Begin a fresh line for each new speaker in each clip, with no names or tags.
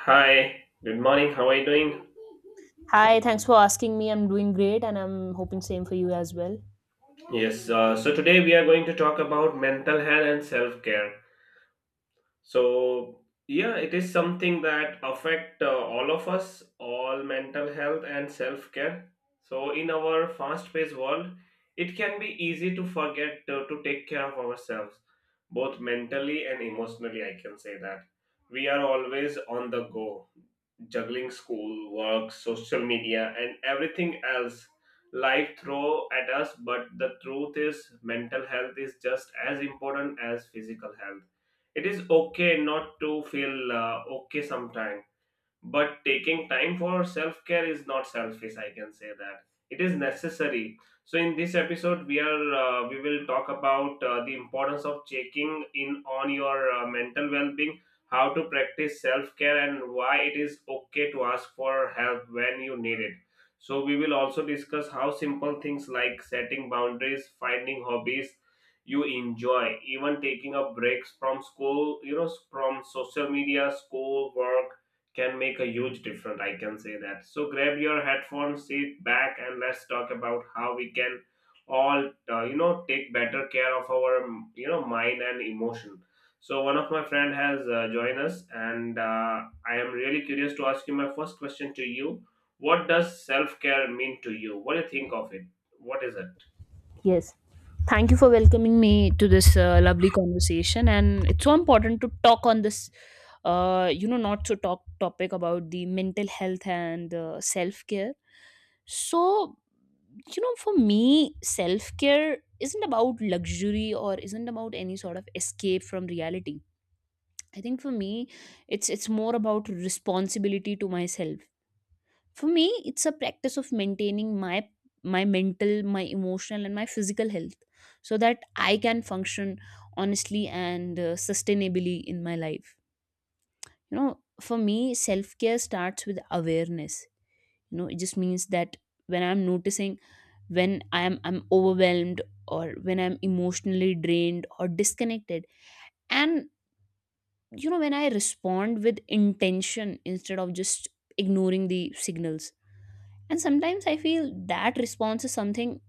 Hi, good morning. How are you doing?
Hi, thanks for asking me. I'm doing great and I'm hoping same for you as well.
Yes, so today we are going to talk about mental health and self care. So, yeah, it is something that affect all of us, all mental health and self care. So, in our fast paced world, it can be easy to forget to take care of ourselves, both mentally and emotionally. I can say that we are always on the go juggling school, work, social media, and everything else life throw at us. But the truth is, mental health is just as important as physical health. It is okay not to feel okay sometimes, but taking time for self care is not selfish. I can say that it is necessary. So in this episode we will talk about the importance of checking in on your mental well-being, how to practice self care, and why it is okay to ask for help when you need it. So we will also discuss how simple things like setting boundaries, finding hobbies you enjoy, even taking a breaks from school, from social media, school work, can make a huge difference. I can say that. So grab your headphones, sit back, and let's talk about how we can all, take better care of our, mind and emotion. So one of my friend has joined us, and I am really curious to ask you my first question to you. What does self care mean to you? What do you think of it? What is it?
Yes. Thank you for welcoming me to this lovely conversation, and it's so important to talk on this you know not to talk topic about the mental health and self-care. So, you know, for me self-care isn't about luxury or isn't about any sort of escape from reality. I think for me it's more about responsibility to myself. For me, it's a practice of maintaining my mental, my emotional and my physical health so that I can function honestly and sustainably in my life. You know, for me, self-care starts with awareness. You know, it just means that when I'm noticing, when I'm overwhelmed or when I'm emotionally drained or disconnected. And you know, when I respond with intention instead of just ignoring the signals. And sometimes I feel that response is something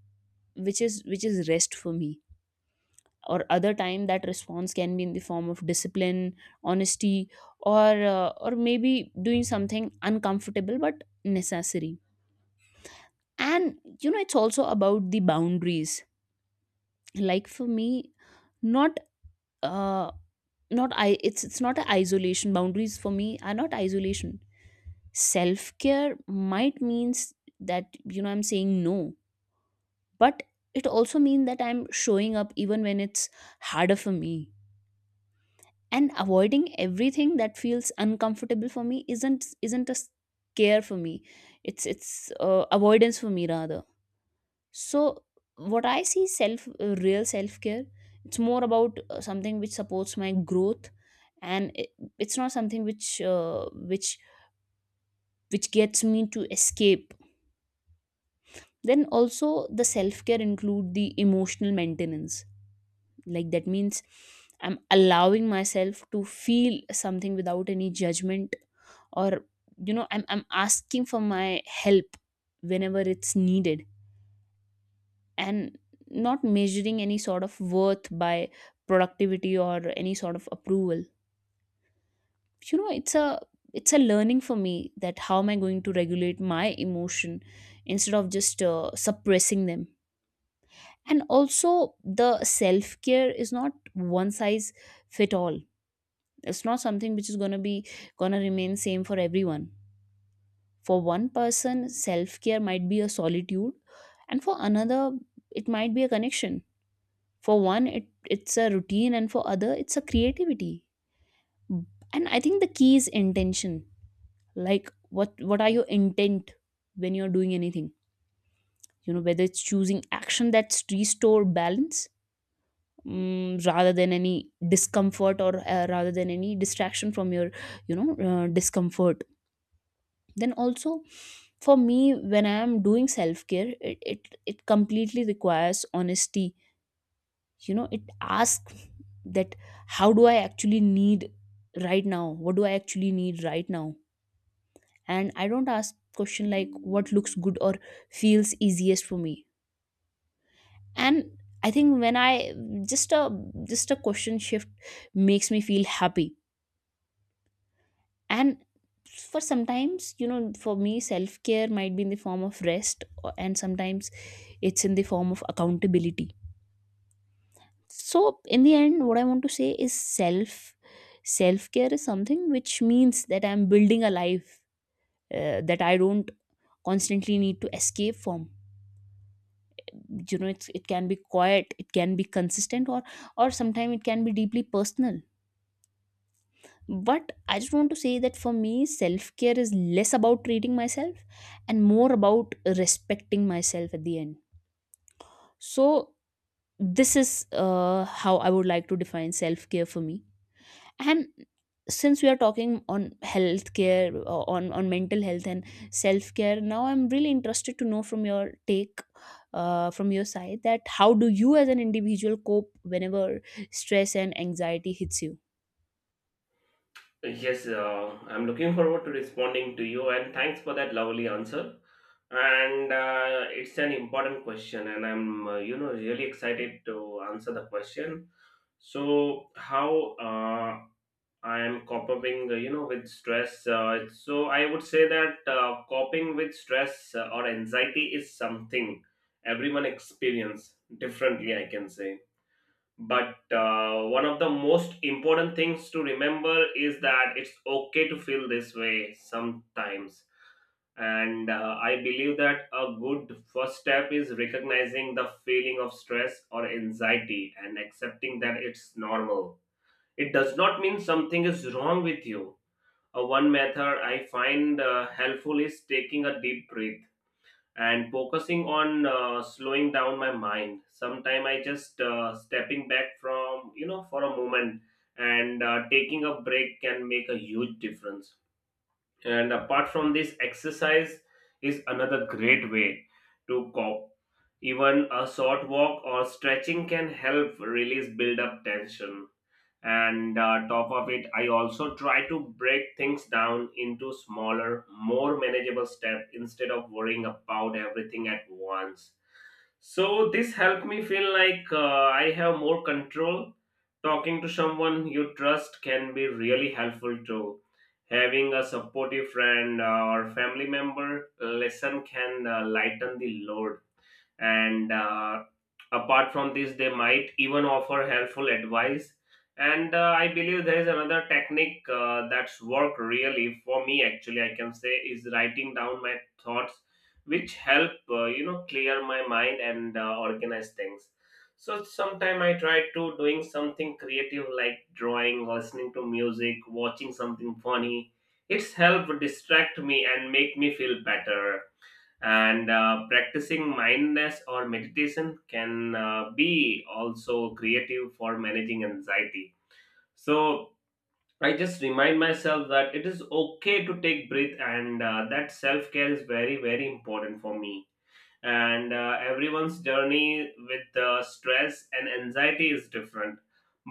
which is rest for me, or other time that response can be in the form of discipline, honesty, or or maybe doing something uncomfortable but necessary. And you know, it's also about the boundaries. Like for me, not uh not I it's not an isolation. Boundaries for me are not isolation. Self care might means that, you know, I'm saying no, but it also means that I'm showing up even when it's harder for me. And avoiding everything that feels uncomfortable for me isn't a scare for me. It's avoidance for me rather. So what I see self real self care, it's more about something which supports my growth, and it's not something which which gets me to escape. Then also the self care include the emotional maintenance. Like that means I'm allowing myself to feel something without any judgment, or you know, I'm asking for my help whenever it's needed, and not measuring any sort of worth by productivity or any sort of approval. You know, it's a learning for me that how am I going to regulate my emotion instead of just suppressing them. And also the self care is not one size fit all. It's not something which is going to be going to remain same for everyone. For one person self care might be a solitude, and for another it might be a connection. For one it's a routine, and for other it's a creativity. And I think the key is intention. Like what are your intent when you're doing anything. You know, whether it's choosing action that's restore balance, mm, rather than any discomfort or rather than any distraction from your, you know, discomfort. Then also for me, when I am doing self care, it it completely requires honesty. You know, it asks that how do I actually need right now, what do I actually need right now. And I don't ask question like what looks good or feels easiest for me. And I think when I just a just a question shift makes me feel happy. And for sometimes, you know, for me self care might be in the form of rest or- and sometimes it's in the form of accountability. So in the end what I want to say is self care is something which means that I'm building a life that I don't constantly need to escape from. You know, it can be quiet, it can be consistent, or sometimes it can be deeply personal. But I just want to say that for me, self care is less about treating myself and more about respecting myself at the end. So, this is how I would like to define self care for me. And since we are talking on health care, on mental health and self care, now I'm really interested to know from your take, from your side, that how do you as an individual cope whenever stress and anxiety hits you?
Yes, I'm looking forward to responding to you, and thanks for that lovely answer. And it's an important question, and I'm really excited to answer the question. So, how I am coping, with stress? So, I would say that coping with stress or anxiety is something everyone experience differently. I can say, but one of the most important things to remember is that it's okay to feel this way sometimes. And I believe that a good first step is recognizing the feeling of stress or anxiety and accepting that it's normal. It does not mean something is wrong with you. One method I find helpful is taking a deep breath and focusing on slowing down my mind. Sometime I just stepping back from, for a moment, and taking a break can make a huge difference. And apart from this, exercise is another great way to cope. Even a short walk or stretching can help release build up tension. And top of it, I also try to break things down into smaller, more manageable steps instead of worrying about everything at once. So this helped me feel like I have more control. Talking to someone you trust can be really helpful too. Having a supportive friend or family member listen can lighten the load. And apart from this, they might even offer helpful advice. And I believe there is another technique that's worked really for me. Actually, I can say, is writing down my thoughts, which help, clear my mind and organize things. So sometime I try to doing something creative like drawing, listening to music, watching something funny. It's help distract me and make me feel better. And practicing mindfulness or meditation can be also creative for managing anxiety. So I just remind myself that it is okay to take breath and that self care is very, very important for me. And everyone's journey with the stress and anxiety is different,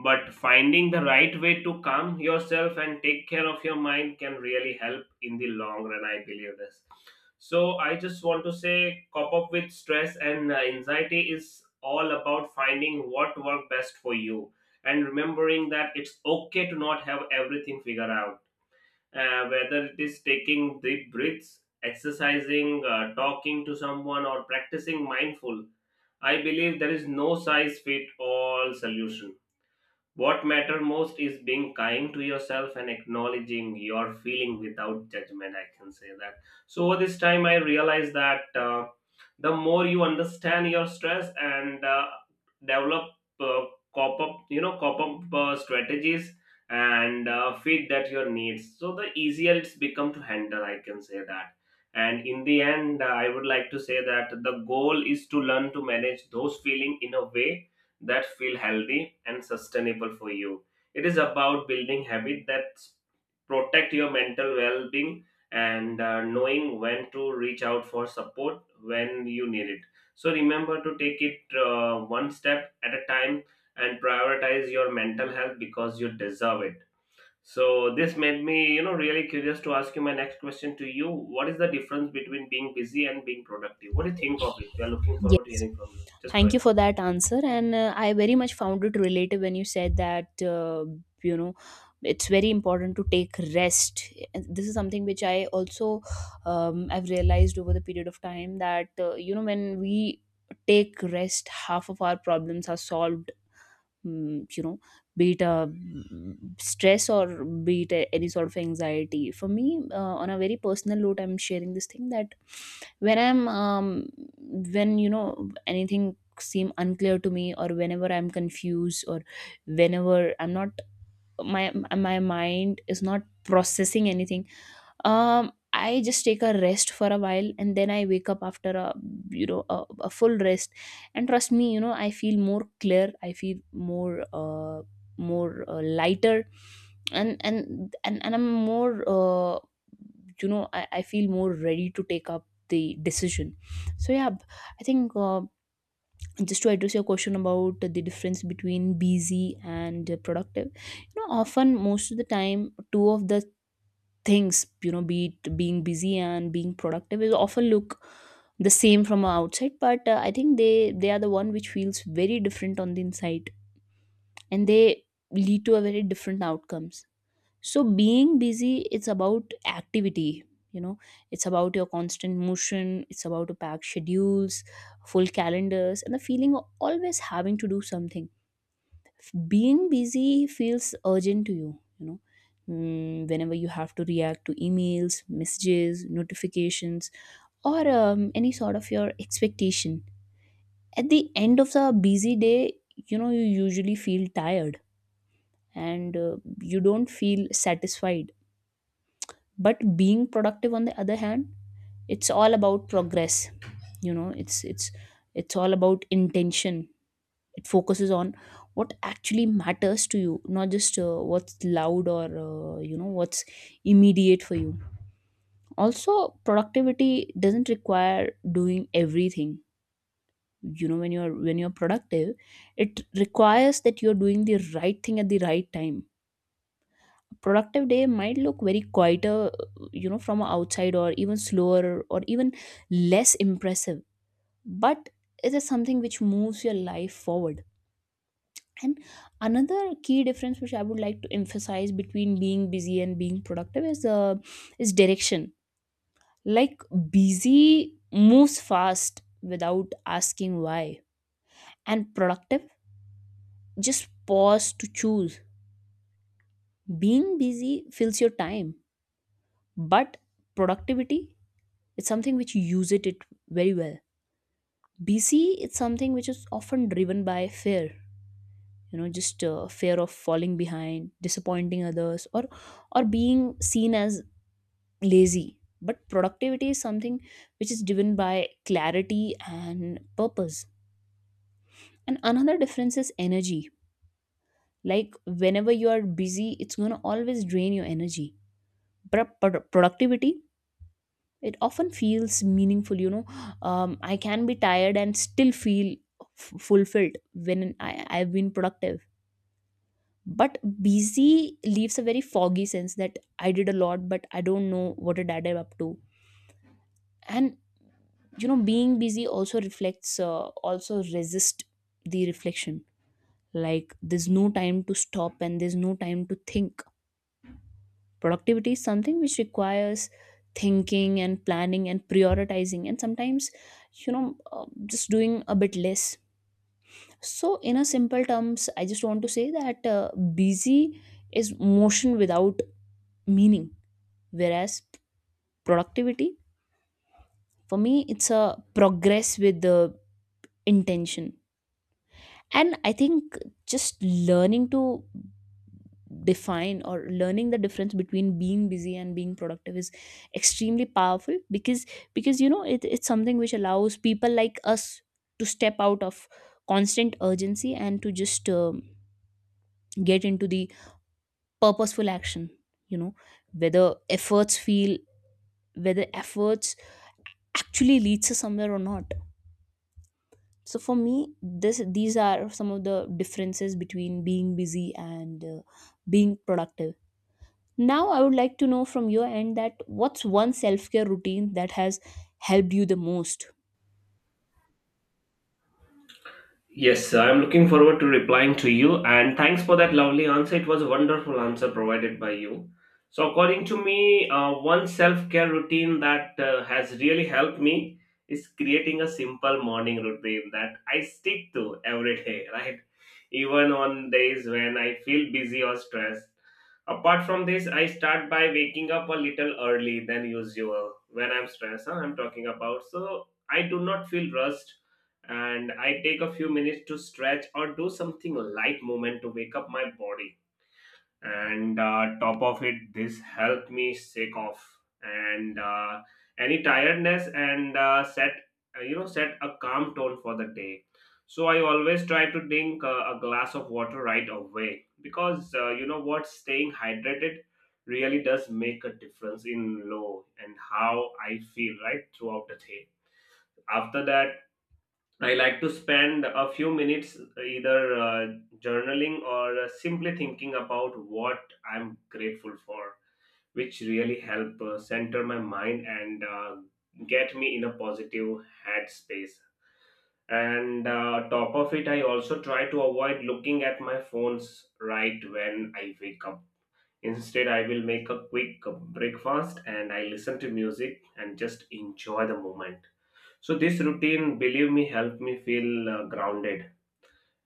but finding the right way to calm yourself and take care of your mind can really help in the long run. I believe this. So I just want to say cope up with stress and anxiety is all about finding what work best for you, and remembering that it's okay to not have everything figured out. Whether it is taking deep breaths, exercising, talking to someone, or practicing mindful, I believe there is no size fit all solution. What matter most is being kind to yourself and acknowledging your feeling without judgment. I can say that. So over this time, I realized that the more you understand your stress and develop uh, cop up strategies and fit that your needs. So the easier it's become to handle. I can say that. And in the end, I would like to say that the goal is to learn to manage those feeling in a way that feel healthy and sustainable for you. It is about building habits that protect your mental well-being, and knowing when to reach out for support when you need it. So remember to take it one step at a time, and prioritize your mental health because you deserve it. So this made me, really curious to ask you my next question to you. What is the difference between being busy and being productive? What do you think of it? We are looking forward to
Yes.
hearing from you. Just go
Thank
ahead.
you for that answer. And I very much found it relative when you said that, you know, it's very important to take rest. This is something which I also, I've realized over the period of time that, you know, when we take rest, half of our problems are solved. Mm, you know, be it a mm, stress or be it a- any sort of anxiety. For me, on a very personal note, I'm sharing this thing that when I'm when you know anything seem unclear to me or whenever I'm confused or whenever I'm not, my mind is not processing anything, I just take a rest for a while and then I wake up after a you know a full rest. And trust me, you know, I feel more clear, I feel more lighter. And I'm more you know, I feel more ready to take up the decision. So yeah, I think just to address your question about the difference between busy and productive. You know, often most of the time two of the things, you know, be it being busy and being productive is often look the same from outside, but I think they are the one which feels very different on the inside, and they lead to a very different outcomes. So being busy, it's about activity. You know, it's about your constant motion. It's about to pack schedules, full calendars, and the feeling of always having to do something. Being busy feels urgent to you, you know. Mm, whenever you have to react to emails, messages, notifications, or any sort of your expectation. At the end of the busy day, you know, you usually feel tired, and you don't feel satisfied. But being productive, on the other hand, it's all about progress. You know, it's all about intention. It focuses on what actually matters to you, not just what's loud or you know, what's immediate for you. Also productivity doesn't require doing everything. You know, when you're productive, it requires that you're doing the right thing at the right time. Productive day might look very quieter, you know, from outside, or even slower, or even less impressive. But it is something which moves your life forward. And another key difference which I would like to emphasize between being busy and being productive is direction. Like busy moves fast without asking why, and productive just pause to choose. Being busy fills your time, but productivity, it's something which uses it very well. BC, it's something which is often driven by fear, you know, just fear of falling behind, disappointing others, or being seen as lazy. But productivity is something which is driven by clarity and purpose. And another difference is energy. Like whenever you are busy, it's gonna always drain your energy. But productivity, it often feels meaningful. You know, I can be tired and still feel fulfilled when I've been productive. But busy leaves a very foggy sense that I did a lot but I don't know what did I did up to. And you know, being busy also reflects also resist the reflection. Like there's no time to stop and there's no time to think. Productivity is something which requires thinking and planning and prioritizing and sometimes, you know, just doing a bit less. So in a simple terms, I just want to say that busy is motion without meaning, whereas productivity, for me it's a progress with the intention. And I think just learning to define or learning the difference between being busy and being productive is extremely powerful, because you know, it's something which allows people like us to step out of constant urgency and to just get into the purposeful action. You know, whether efforts feel whether efforts actually leads us somewhere or not. So for me this these are some of the differences between being busy and being productive. Now, I would like to know from your end that what's one self care routine that has helped you the most?
Yes, I'm looking forward to replying to you and thanks for that lovely answer. It was a wonderful answer provided by you. So, according to me, one self care routine that has really helped me is creating a simple morning routine that I stick to every day, right? Even on days when I feel busy or stressed. Apart from this, I start by waking up a little early than usual when I'm stressed. I'm talking about so I do not feel rushed, and I take a few minutes to stretch or do something light movement to wake up my body. And top of it, this helped me shake off and any tiredness and set you know set a calm tone for the day. So I always try to drink a glass of water right away because, you know what, staying hydrated really does make a difference in low and how I feel right throughout the day. After that, I like to spend a few minutes either journaling or simply thinking about what I'm grateful for, which really help center my mind and get me in a positive headspace. And top of it, I also try to avoid looking at my phones right when I wake up. Instead, I will make a quick breakfast and I listen to music and just enjoy the moment. So this routine, believe me, helped me feel grounded,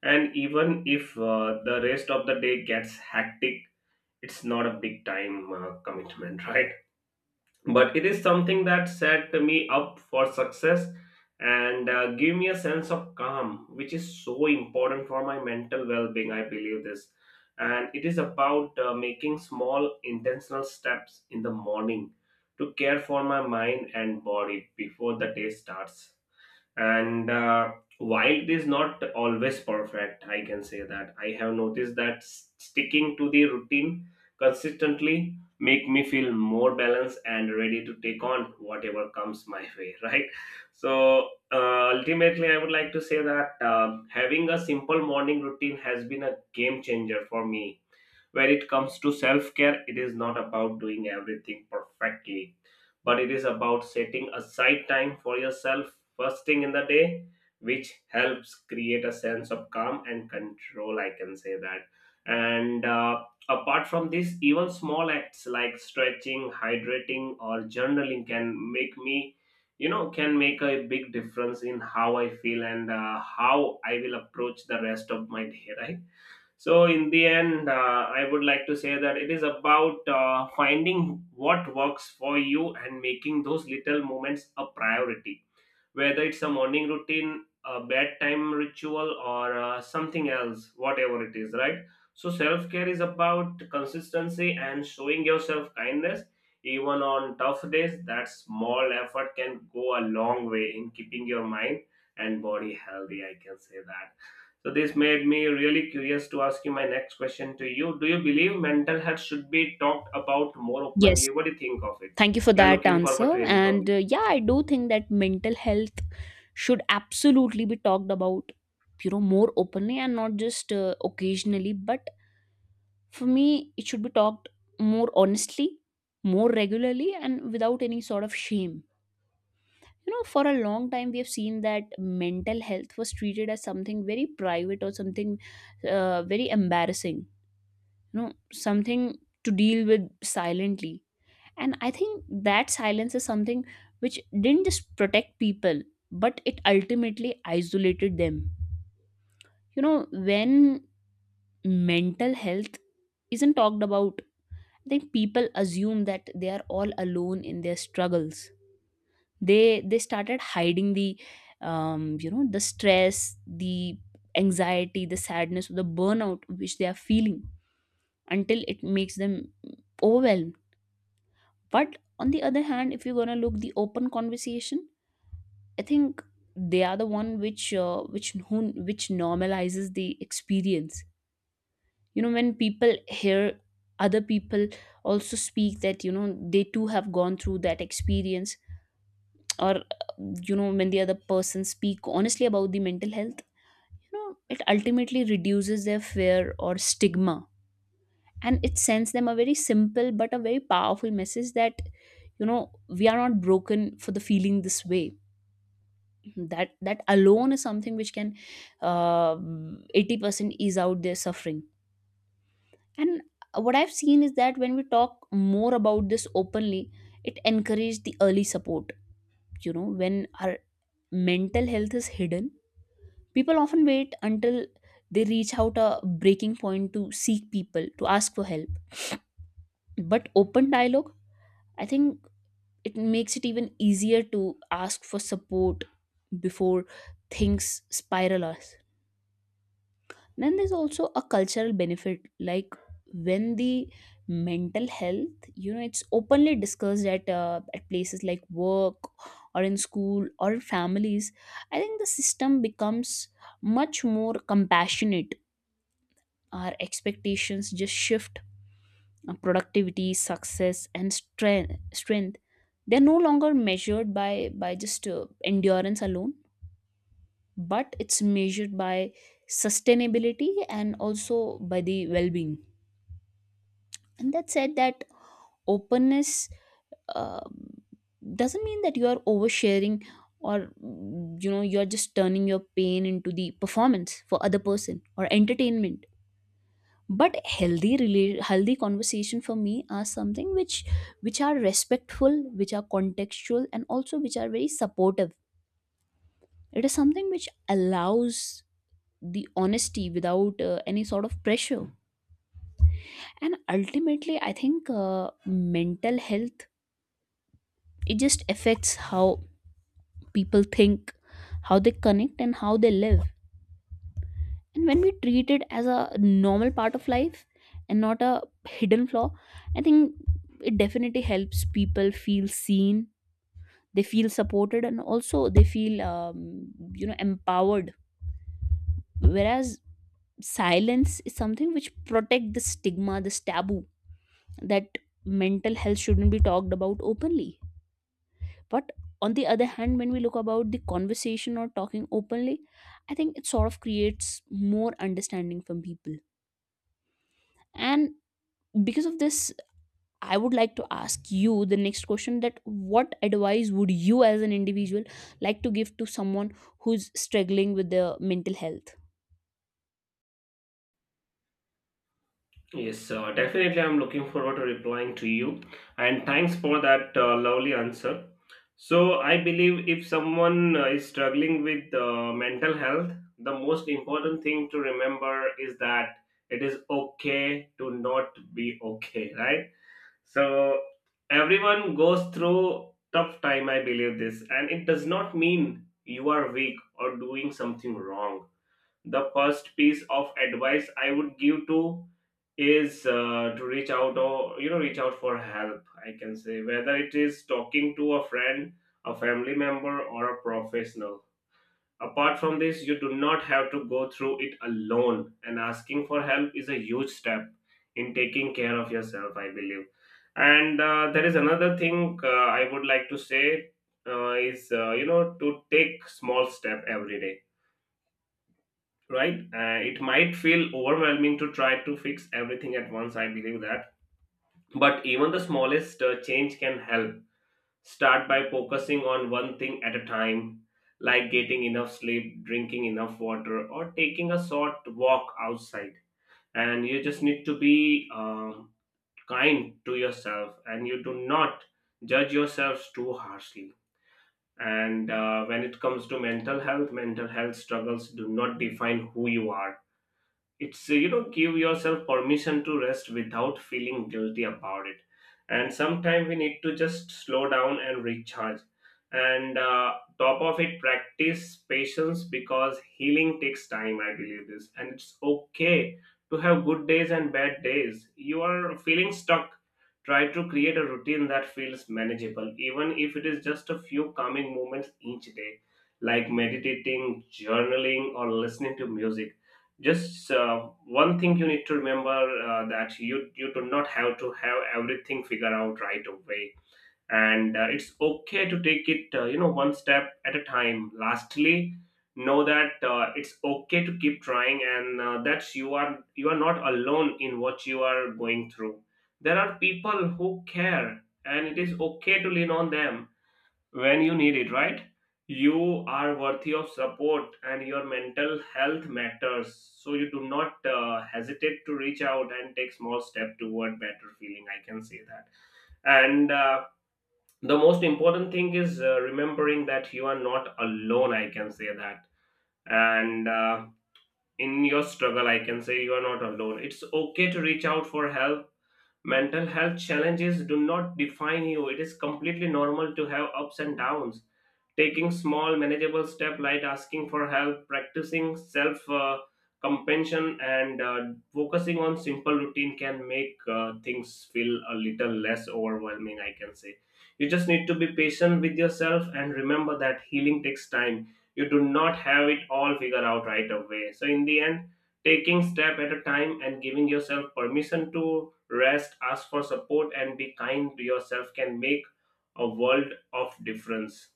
and even if the rest of the day gets hectic, it's not a big time commitment, right? But it is something that set me up for success and give me a sense of calm, which is so important for my mental well-being. I believe this. And it is about making small intentional steps in the morning to care for my mind and body before the day starts. And while it is not always perfect, I can say that I have noticed that sticking to the routine consistently make me feel more balanced and ready to take on whatever comes my way, right? So ultimately I would like to say that having a simple morning routine has been a game changer for me. When it comes to self care, it is not about doing everything perfectly, but it is about setting aside time for yourself first thing in the day, which helps create a sense of calm and control. I can say that. And apart from this, even small acts like stretching, hydrating, or journaling can make me, can make a big difference in how I feel and how I will approach the rest of my day, right? So, in the end, I would like to say that it is about finding what works for you and making those little moments a priority, whether it's a morning routine, a bedtime ritual, or something else, whatever it is, right? So, self care is about consistency and showing yourself kindness. Even on tough days, that small effort can go a long way in keeping your mind and body healthy. I can say that. So, this made me really curious to ask you my next question to you. Do you believe mental health should be talked about more
Yes,
openly? What do you think of it?
thank you for
We are
that
looking forward to
answer.
hearing from
And
you.
yeah, I do think that mental health should absolutely be talked about, you know, more openly and not just occasionally. But for me, it should be talked more honestly, more regularly, and without any sort of shame. You know, for a long time we have seen that mental health was treated as something very private or something very embarrassing, you know, something to deal with silently. And I think that silence is something which didn't just protect people but it ultimately isolated them. You know, when mental health isn't talked about, I think people assume that they are all alone in their struggles. They started hiding the you know, the stress, the anxiety, the sadness, the burnout which they are feeling until it makes them overwhelmed. But on the other hand, if you're gonna look the open conversation, I think they are the one which which normalizes the experience. You know, when people hear other people also speak that, you know, they too have gone through that experience, or you know, when the other person speak honestly about the mental health, you know, it ultimately reduces their fear or stigma. And it sends them a very simple but a very powerful message that, you know, we are not broken for the feeling this way. That alone is something which can uh, 80% ease out their suffering. And what I've seen is that when we talk more about this openly, it encourages the early support. You know, when our mental health is hidden, people often wait until they reach out a breaking point to seek people, to ask for help. But open dialogue, I think it makes it even easier to ask for support before things spiral us. Then there's also a cultural benefit, like when the mental health, you know, it's openly discussed at places like work or in school or families. I think the system becomes much more compassionate, our expectations just shift. Our productivity, success and strength, they're no longer measured by by just endurance alone, but it's measured by sustainability and also by the well-being. And that said, that openness um, doesn't mean that you are oversharing or, you know, you're just turning your pain into the performance for other person or entertainment. But healthy conversation for me are something which are respectful, which are contextual, and also which are very supportive. It is something which allows the honesty without any sort of pressure. And ultimately I think mental health, it just affects how people think, how they connect and how they live. And when we treat it as a normal part of life and not a hidden flaw, I think it definitely helps people feel seen, they feel supported, and also they feel you know, empowered. Whereas silence is something which protect the stigma, this taboo, that mental health shouldn't be talked about openly. But on the other hand, when we look about the conversation or talking openly, I think it sort of creates more understanding from people. And because of this, I would like to ask you the next question, that what advice would you as an individual like to give to someone who's struggling with their mental health?
Yes, definitely. I'm looking forward to replying to you. And thanks for that lovely answer. So, I believe if someone is struggling with mental health, the most important thing to remember is that it is okay to not be okay, right? So, everyone goes through tough time, I believe this. And it does not mean you are weak or doing something wrong. The first piece of advice I would give to is to reach out or you know reach out for help, I can say, whether it is talking to a friend, a family member, or a professional. Apart from this, you do not have to go through it alone, and asking for help is a huge step in taking care of yourself, I believe. And there is another thing I would like to say is, you know, to take small step every day, right? It might feel overwhelming to try to fix everything at once, I believe that, but even the smallest change can help. Start by focusing on one thing at a time, like getting enough sleep, drinking enough water, or taking a short walk outside. And you just need to be kind to yourself, and you do not judge yourselves too harshly. And when it comes to mental health struggles do not define who you are. It's, you know, give yourself permission to rest without feeling guilty about it. And sometimes we need to just slow down and recharge. And top of it, practice patience because healing takes time, I believe this. And it's okay to have good days and bad days. You are feeling stuck, try to create a routine that feels manageable, even if it is just a few calming moments each day, like meditating, journaling, or listening to music. Just, one thing you need to remember, that you do not have to have everything figured out right away. And it's okay to take it, you know, one step at a time. Lastly, know that it's okay to keep trying, and that you are not alone in what you are going through. There are people who care, and it is okay to lean on them when you need it, right? You are worthy of support and your mental health matters. So you do not hesitate to reach out and take small step toward better feeling. I can say that. And the most important thing is remembering that you are not alone. I can say that. And in your struggle, I can say you are not alone. It's okay to reach out for help. Mental health challenges do not define you. It is completely normal to have ups and downs. Taking small, manageable steps like asking for help, practicing self, compassion, and focusing on simple routine can make things feel a little less overwhelming, I can say. You just need to be patient with yourself and remember that healing takes time. You do not have it all figured out right away. So, in the end, taking step at a time and giving yourself permission to rest, ask for support, and be kind to yourself can make a world of difference.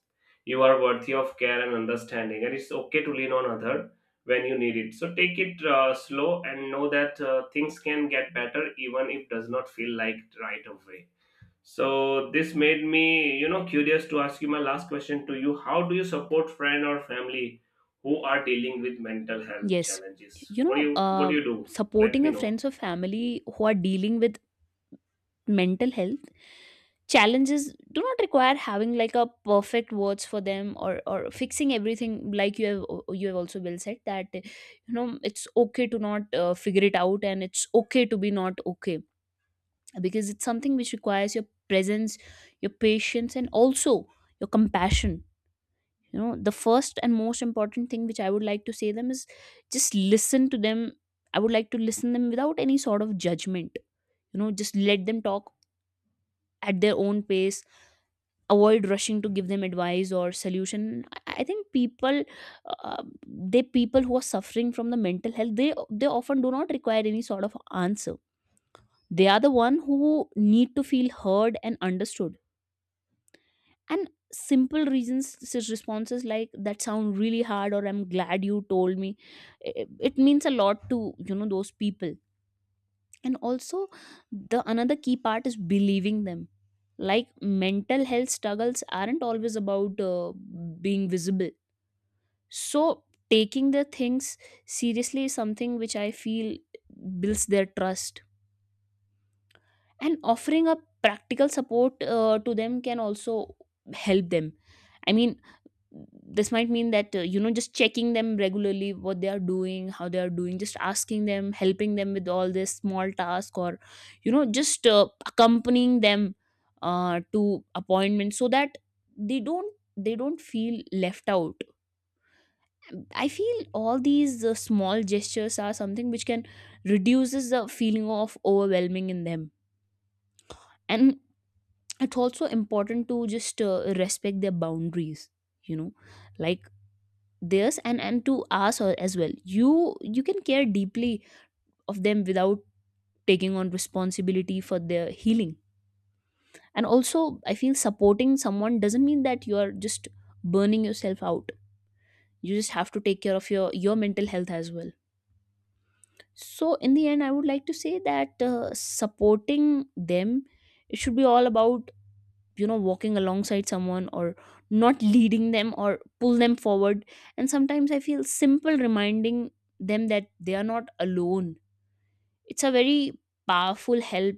You are worthy of care and understanding, and it's okay to lean on other when you need it. So take it slow and know that things can get better, even if does not feel like it right away. So this made me, you know, curious to ask you my last question to you. How do you support friend or family who are dealing with mental health
Yes.
challenges?
You
What do you
know,
what do you do? Let
supporting
me
a
know.
friends or family who are dealing with mental health challenges do not require having like a perfect words for them or fixing everything, like you have, you have also well said that, you know, it's okay to not figure it out and it's okay to be not okay, because it's something which requires your presence, your patience, and also your compassion. You know, the first and most important thing which I would like to say them is just listen to them. I would like to listen them without any sort of judgment. You know, just let them talk at their own pace. Avoid rushing to give them advice or solution. I think people, uh, they, people who are suffering from the mental health, they often do not require any sort of answer. They are the one who need to feel heard and understood. And simple reasons, responses like that sound really hard, or I'm glad you told me, it means a lot to, you know, those people. And also the another key part is believing them. Like mental health struggles aren't always about being visible. So taking the things seriously is something which I feel builds their trust. And offering a practical support to them can also help them. I mean, this might mean that, you know, just checking them regularly, what they are doing, how they are doing, just asking them, helping them with all this small task, or you know, just accompanying them to appointments, so that they don't feel left out. I feel all these small gestures are something which can reduces the feeling of overwhelming in them. And it's also important to just respect their boundaries. You know, like theirs and to as well, you can care deeply of them without taking on responsibility for their healing. And also I feel supporting someone doesn't mean that you are just burning yourself out. You just have to take care of your mental health as well. So in the end, I would like to say that, supporting them, it should be all about, you know, walking alongside someone or not leading them or pull them forward. And sometimes I feel simple reminding them that they are not alone, it's a very powerful help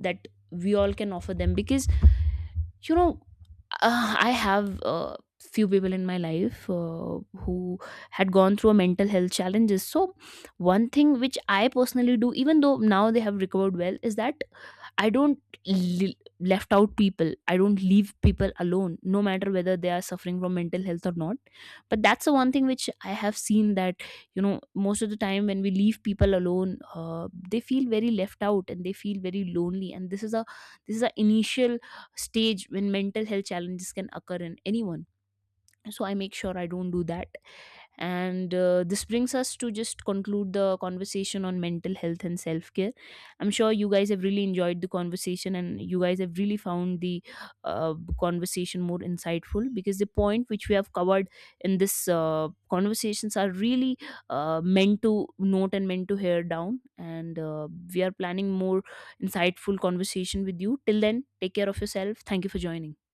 that we all can offer them. Because, you know, I have, few people in my life, who had gone through a mental health challenges. So one thing which I personally do, even though now they have recovered well, is that I don't le- left out people. I don't leave people alone, no matter whether they are suffering from mental health or not. But that's the one thing which I have seen, that, you know, most of the time when we leave people alone, they feel very left out and they feel very lonely. And this is a, this is a initial stage when mental health challenges can occur in anyone. So I make sure I don't do that. And this brings us to just conclude the conversation on mental health and self care. I'm sure you guys have really enjoyed the conversation and you guys have really found the conversation more insightful, because the point which we have covered in this conversations are really meant to note and meant to hear down. And we are planning more insightful conversation with you. Till then, take care of yourself. Thank you for joining.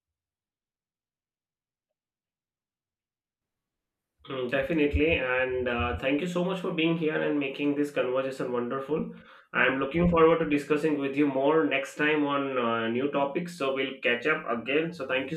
Mm, definitely, and thank you so much for being here and making this conversation wonderful. I'm looking forward to discussing with you more next time on new topics. So we'll catch up again. So thank you